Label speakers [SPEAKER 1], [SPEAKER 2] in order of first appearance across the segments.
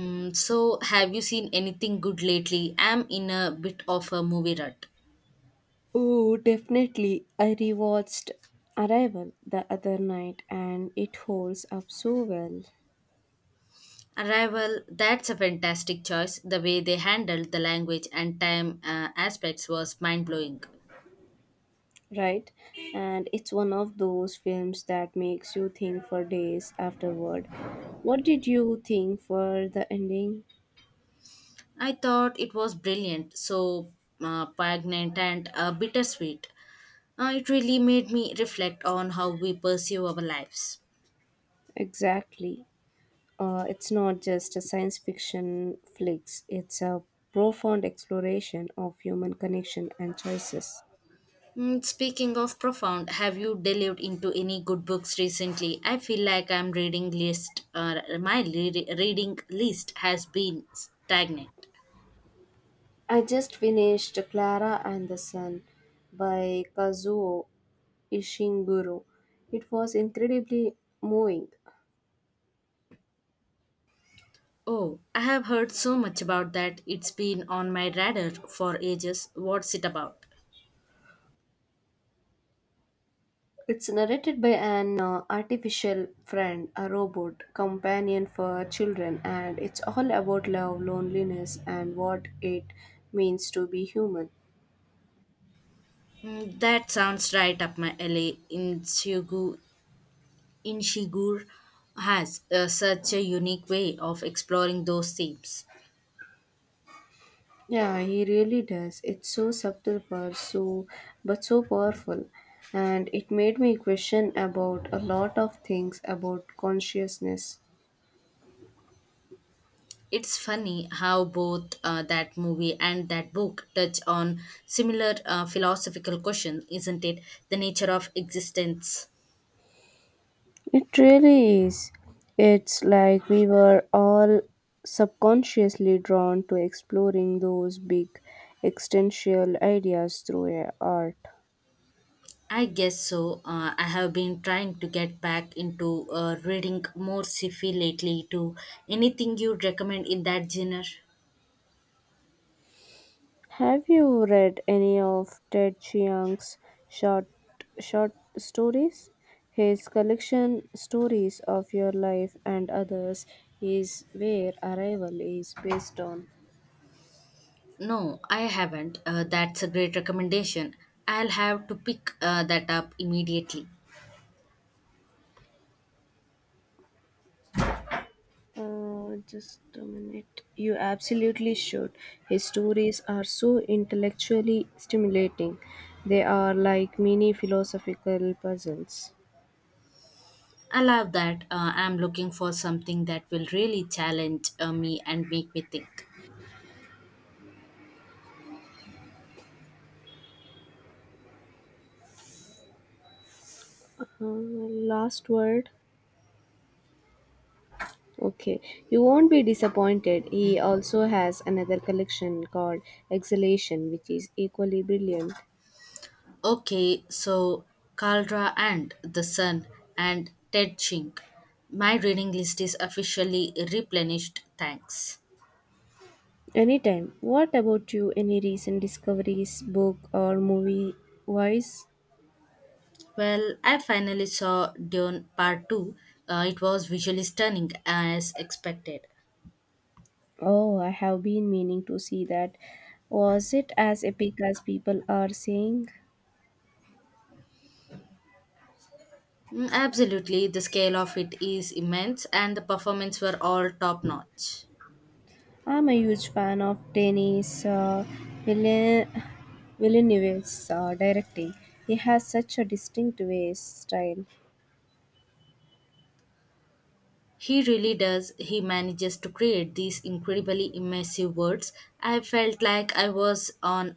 [SPEAKER 1] So, have you seen anything good lately? I'm in a bit of a movie rut.
[SPEAKER 2] Oh, definitely. I rewatched Arrival the other night and it holds up so well,
[SPEAKER 1] Arrival, that's a fantastic choice. The way they handled the language and time aspects was mind blowing.
[SPEAKER 2] right? And it's one of those films that makes you think for days afterward. What did you think for the ending?
[SPEAKER 1] I thought it was brilliant, so poignant and bittersweet. It really made me reflect on how we pursue our lives.
[SPEAKER 2] Exactly. It's not just a science fiction flicks, it's a profound exploration of human connection and choices.
[SPEAKER 1] Speaking of profound, have you delved into any good books recently? I feel like I'm reading list, my reading list has been stagnant.
[SPEAKER 2] I just finished Clara and the Sun by Kazuo Ishiguro. It was incredibly moving.
[SPEAKER 1] Oh, I have heard so much about that. It's been on my radar for ages. What's it about?
[SPEAKER 2] It's narrated by an artificial friend, a robot companion for children, and it's all about love, loneliness, and what it means to be human.
[SPEAKER 1] That sounds right up my alley. Inshigur has such a unique way of exploring those themes.
[SPEAKER 2] Yeah, he really does. It's so subtle for so but so powerful. And it made me question about a lot of things about consciousness.
[SPEAKER 1] It's funny how both that movie and that book touch on similar philosophical questions, isn't it? The nature of existence.
[SPEAKER 2] It really is. It's like we were all subconsciously drawn to exploring those big existential ideas through art.
[SPEAKER 1] I guess so. I have been trying to get back into reading more sci-fi lately too. Anything you'd recommend in that genre?
[SPEAKER 2] Have you read any of Ted Chiang's short short stories? His collection Stories of Your Life and Others is where Arrival is based on.
[SPEAKER 1] No, I haven't. That's a great recommendation. I'll have to pick that up immediately.
[SPEAKER 2] Just a minute. You absolutely should. His stories are so intellectually stimulating. They are like mini philosophical puzzles.
[SPEAKER 1] I love that. I'm looking for something that will really challenge me and make me think.
[SPEAKER 2] Last word. Okay, you won't be disappointed. He also has another collection called Exhalation, which is equally brilliant.
[SPEAKER 1] Okay, so Caldra and The Sun and Ted Chink. My reading list is officially replenished, thanks.
[SPEAKER 2] Anytime. What about you? Any recent discoveries, book or movie wise?
[SPEAKER 1] Well, I finally saw Dune Part 2. It was visually stunning as expected.
[SPEAKER 2] Oh, I have been meaning to see that. Was it as epic as people are saying?
[SPEAKER 1] Absolutely, the scale of it is immense and the performance were all top notch.
[SPEAKER 2] I'm a huge fan of Denis Villen- Villeneuve's directing. He has such a distinct way style.
[SPEAKER 1] He really does. He manages to create these incredibly immersive words. I felt like I was on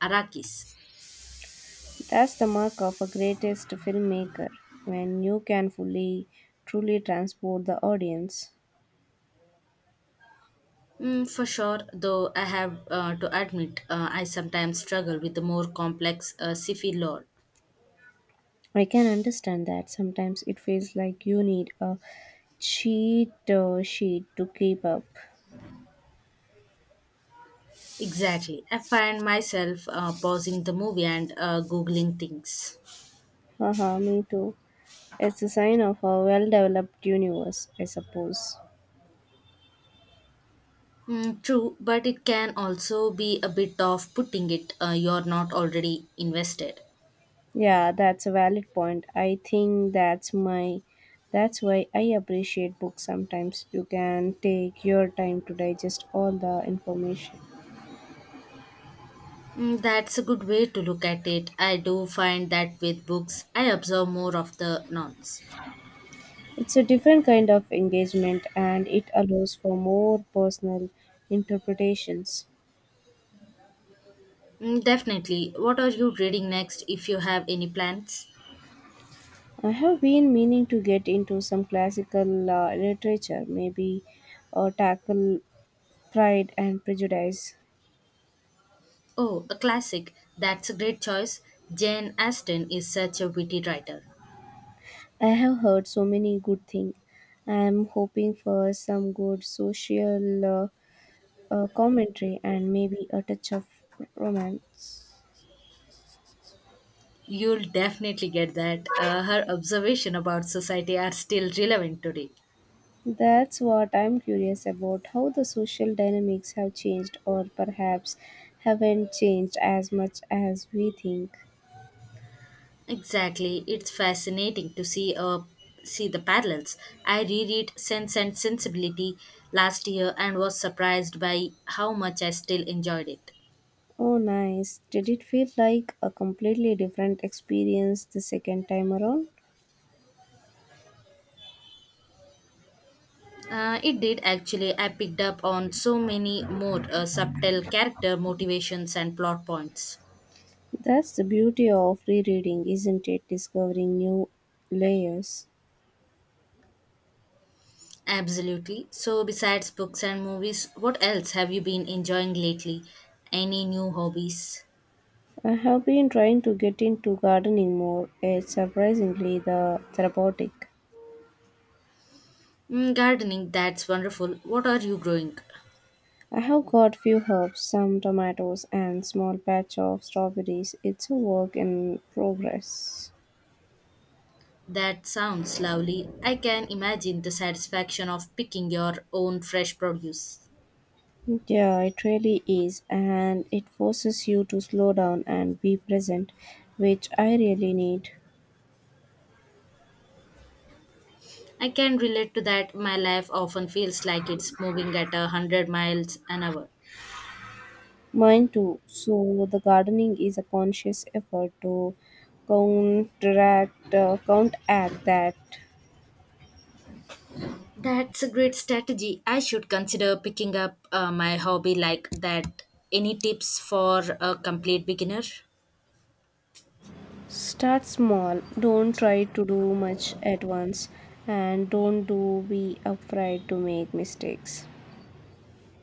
[SPEAKER 1] Arrakis.
[SPEAKER 2] That's the mark of a greatest filmmaker when you can fully, truly transport the audience.
[SPEAKER 1] For sure, though I have to admit, I sometimes struggle with the more complex sci-fi lore.
[SPEAKER 2] I can understand that sometimes it feels like you need a cheat sheet to keep up.
[SPEAKER 1] Exactly. I find myself pausing the movie and googling things.
[SPEAKER 2] Haha, me too. It's a sign of a well developed universe, I suppose.
[SPEAKER 1] True, but it can also be a bit of putting it you're not already invested.
[SPEAKER 2] Yeah, that's a valid point. I think that's why I appreciate books sometimes. You can take your time to digest all the information.
[SPEAKER 1] That's a good way to look at it. I do find that with books, I observe more of the nonce.
[SPEAKER 2] It's a different kind of engagement and it allows for more personal interpretations.
[SPEAKER 1] Definitely. What are you reading next if you have any plans?
[SPEAKER 2] I have been meaning to get into some classical literature, maybe or tackle Pride and Prejudice.
[SPEAKER 1] Oh, a classic. That's a great choice. Jane Austen is such a witty writer.
[SPEAKER 2] I have heard so many good things. I am hoping for some good social commentary and maybe a touch of romance.
[SPEAKER 1] You'll definitely get that. Her observation about society are still relevant today.
[SPEAKER 2] That's what I'm curious about how the social dynamics have changed, or perhaps haven't changed as much as we think.
[SPEAKER 1] Exactly. It's fascinating to see the parallels. I reread Sense and Sensibility last year and was surprised by how much I still enjoyed it.
[SPEAKER 2] Oh, nice. Did it feel like a completely different experience the second time around?
[SPEAKER 1] It did actually. I picked up on so many more subtle character motivations and plot points.
[SPEAKER 2] That's the beauty of rereading, isn't it? Discovering new layers.
[SPEAKER 1] Absolutely. So, besides books and movies, what else have you been enjoying lately? Any new hobbies?
[SPEAKER 2] I have been trying to get into gardening more. It's surprisingly the therapeutic.
[SPEAKER 1] Gardening, that's wonderful. What are you growing?
[SPEAKER 2] I have got few herbs, some tomatoes and small patch of strawberries. It's a work in progress.
[SPEAKER 1] That sounds lovely. I can imagine the satisfaction of picking your own fresh produce.
[SPEAKER 2] Yeah, it really is and it forces you to slow down and be present, which I really need.
[SPEAKER 1] I can relate to that. My life often feels like it's moving at 100 miles an hour.
[SPEAKER 2] Mine too. So the gardening is a conscious effort to counteract that.
[SPEAKER 1] That's a great strategy. I should consider picking up my hobby like that. Any tips for a complete beginner?
[SPEAKER 2] Start small. Don't try to do much at once and don't do be afraid to make mistakes.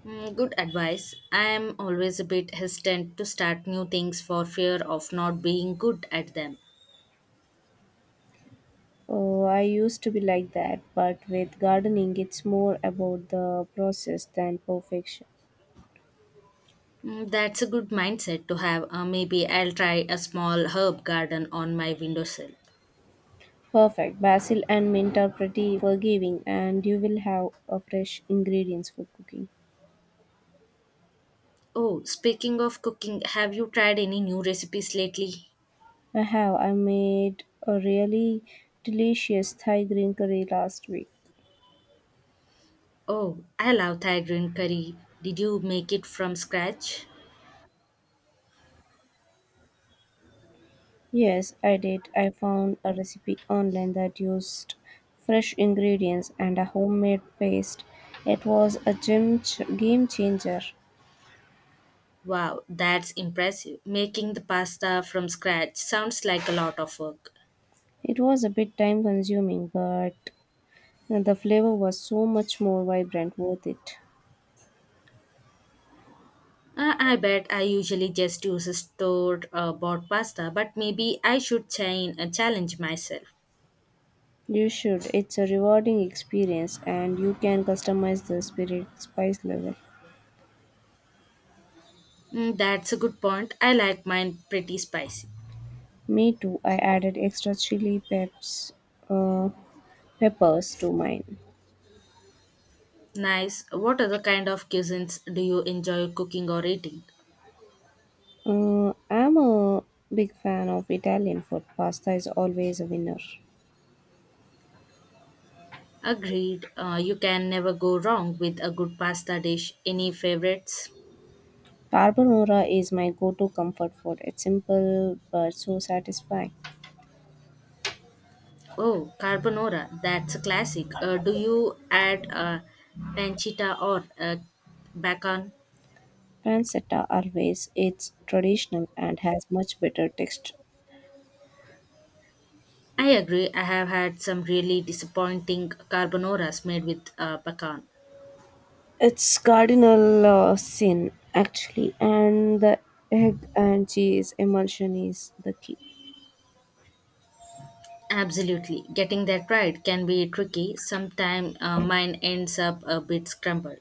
[SPEAKER 1] Good advice. I am always a bit hesitant to start new things for fear of not being good at them.
[SPEAKER 2] Oh, I used to be like that, but with gardening it's more about the process than perfection.
[SPEAKER 1] That's a good mindset to have. Maybe I'll try a small herb garden on my windowsill.
[SPEAKER 2] Perfect. Basil and mint are pretty forgiving and you will have a fresh ingredients for cooking.
[SPEAKER 1] Oh, speaking of cooking, have you tried any new recipes lately?
[SPEAKER 2] I made a really delicious Thai green curry last week.
[SPEAKER 1] Oh, I love Thai green curry. Did you make it from scratch?
[SPEAKER 2] Yes, I did. I found a recipe online that used fresh ingredients and a homemade paste. It was a game changer.
[SPEAKER 1] Wow, that's impressive. Making the pasta from scratch sounds like a lot of work.
[SPEAKER 2] It was a bit time consuming, but the flavor was so much more vibrant, worth it.
[SPEAKER 1] I bet I usually just use store bought pasta, but maybe I should challenge myself.
[SPEAKER 2] You should. It's a rewarding experience and you can customize the spirit spice level.
[SPEAKER 1] That's a good point. I like mine pretty spicy.
[SPEAKER 2] Me too. I added extra uh, peppers to mine.
[SPEAKER 1] Nice. What other kind of cuisines do you enjoy cooking or eating?
[SPEAKER 2] I'm a big fan of Italian food. Pasta is always a winner.
[SPEAKER 1] Agreed. You can never go wrong with a good pasta dish. Any favorites?
[SPEAKER 2] Carbonara is my go-to comfort food. It's simple but so satisfying.
[SPEAKER 1] Oh, carbonara. That's a classic. Do you add pancetta or bacon?
[SPEAKER 2] Pancetta always it's traditional and has much better texture.
[SPEAKER 1] I agree. I have had some really disappointing carbonoras made with pecan.
[SPEAKER 2] It's cardinal sin actually, and the egg and cheese emulsion is the key.
[SPEAKER 1] Absolutely. Getting that right can be tricky. Sometimes mine ends up a bit scrambled.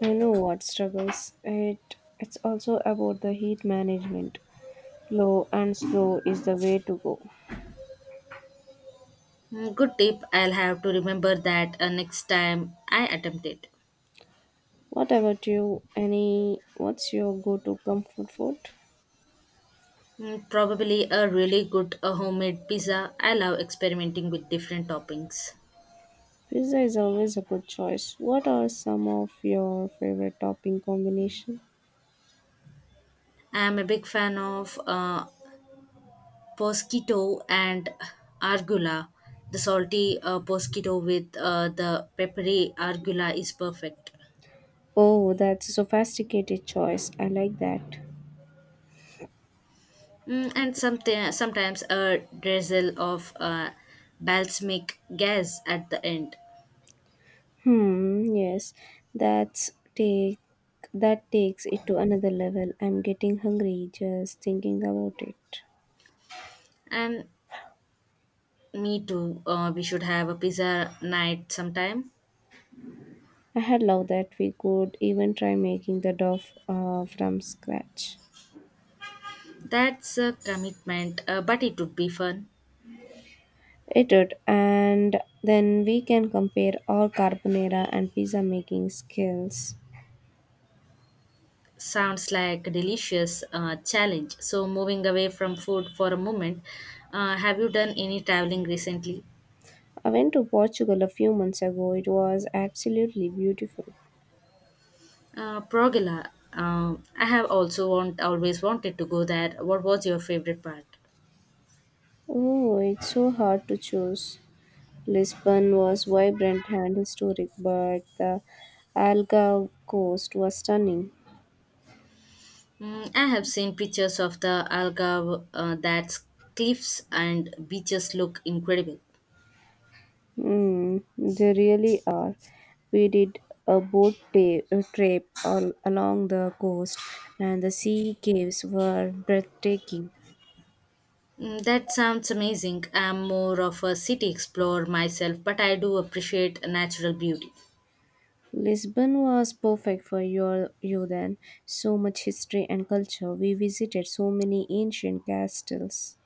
[SPEAKER 2] I know what struggles it. It's also about the heat management. Low and slow is the way to go.
[SPEAKER 1] Good tip. I'll have to remember that next time I attempt it.
[SPEAKER 2] What about you? Any what's your go-to comfort food?
[SPEAKER 1] Probably a really good homemade pizza. I love experimenting with different toppings.
[SPEAKER 2] Pizza is always a good choice. What are some of your favorite topping combination?
[SPEAKER 1] I'm a big fan of Prosciutto and argula. The salty prosciutto with the peppery argula is perfect.
[SPEAKER 2] Oh, that's a sophisticated choice. I like that.
[SPEAKER 1] And sometimes a drizzle of balsamic gas at the end.
[SPEAKER 2] Hmm, yes. That's take that takes it to another level. I'm getting hungry just thinking about it.
[SPEAKER 1] And me too, we should have a pizza night sometime.
[SPEAKER 2] I had love that we could even try making the dough from scratch.
[SPEAKER 1] That's a commitment, but it would be fun.
[SPEAKER 2] It did, and then we can compare our carbonara and pizza making skills.
[SPEAKER 1] Sounds like a delicious challenge. So, moving away from food for a moment, have you done any traveling recently?
[SPEAKER 2] I went to Portugal a few months ago. It was absolutely beautiful.
[SPEAKER 1] Progala, I have also always wanted to go there. What was your favorite part?
[SPEAKER 2] Oh, it's so hard to choose. Lisbon was vibrant and historic, but the Algarve coast was stunning.
[SPEAKER 1] I have seen pictures of the Algarve, that's cliffs and beaches look incredible.
[SPEAKER 2] Mm, they really are. We did a trip all along the coast, and the sea caves were breathtaking.
[SPEAKER 1] That sounds amazing. I'm more of a city explorer myself, but I do appreciate natural beauty.
[SPEAKER 2] Lisbon was perfect for you then. So much history and culture. We visited so many ancient castles.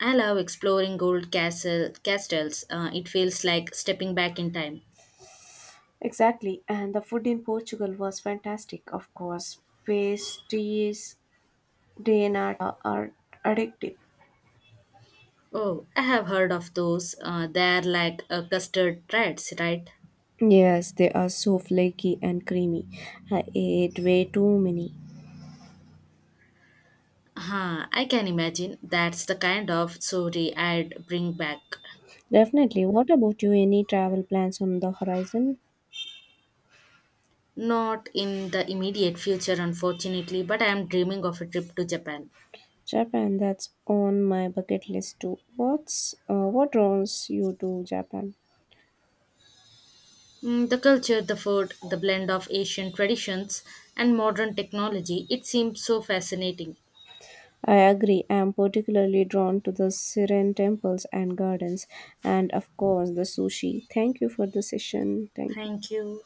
[SPEAKER 1] I love exploring old castles. It feels like stepping back in time.
[SPEAKER 2] Exactly, and the food in Portugal was fantastic, of course. Pastries de nata are addictive.
[SPEAKER 1] Oh, I have heard of those. They're like custard treads, right?
[SPEAKER 2] Yes, they are so flaky and creamy. I ate way too many.
[SPEAKER 1] Huh, I can imagine that's the kind of story I'd bring back.
[SPEAKER 2] Definitely. What about you? Any travel plans on the horizon?
[SPEAKER 1] Not in the immediate future, unfortunately, but I am dreaming of a trip to Japan.
[SPEAKER 2] Japan, that's on my bucket list too. What draws you to Japan?
[SPEAKER 1] The culture, the food, the blend of Asian traditions and modern technology, it seems so fascinating.
[SPEAKER 2] I agree. I am particularly drawn to the serene temples and gardens, and of course, the sushi. Thank you for the session. Thank you.
[SPEAKER 1] Thank you.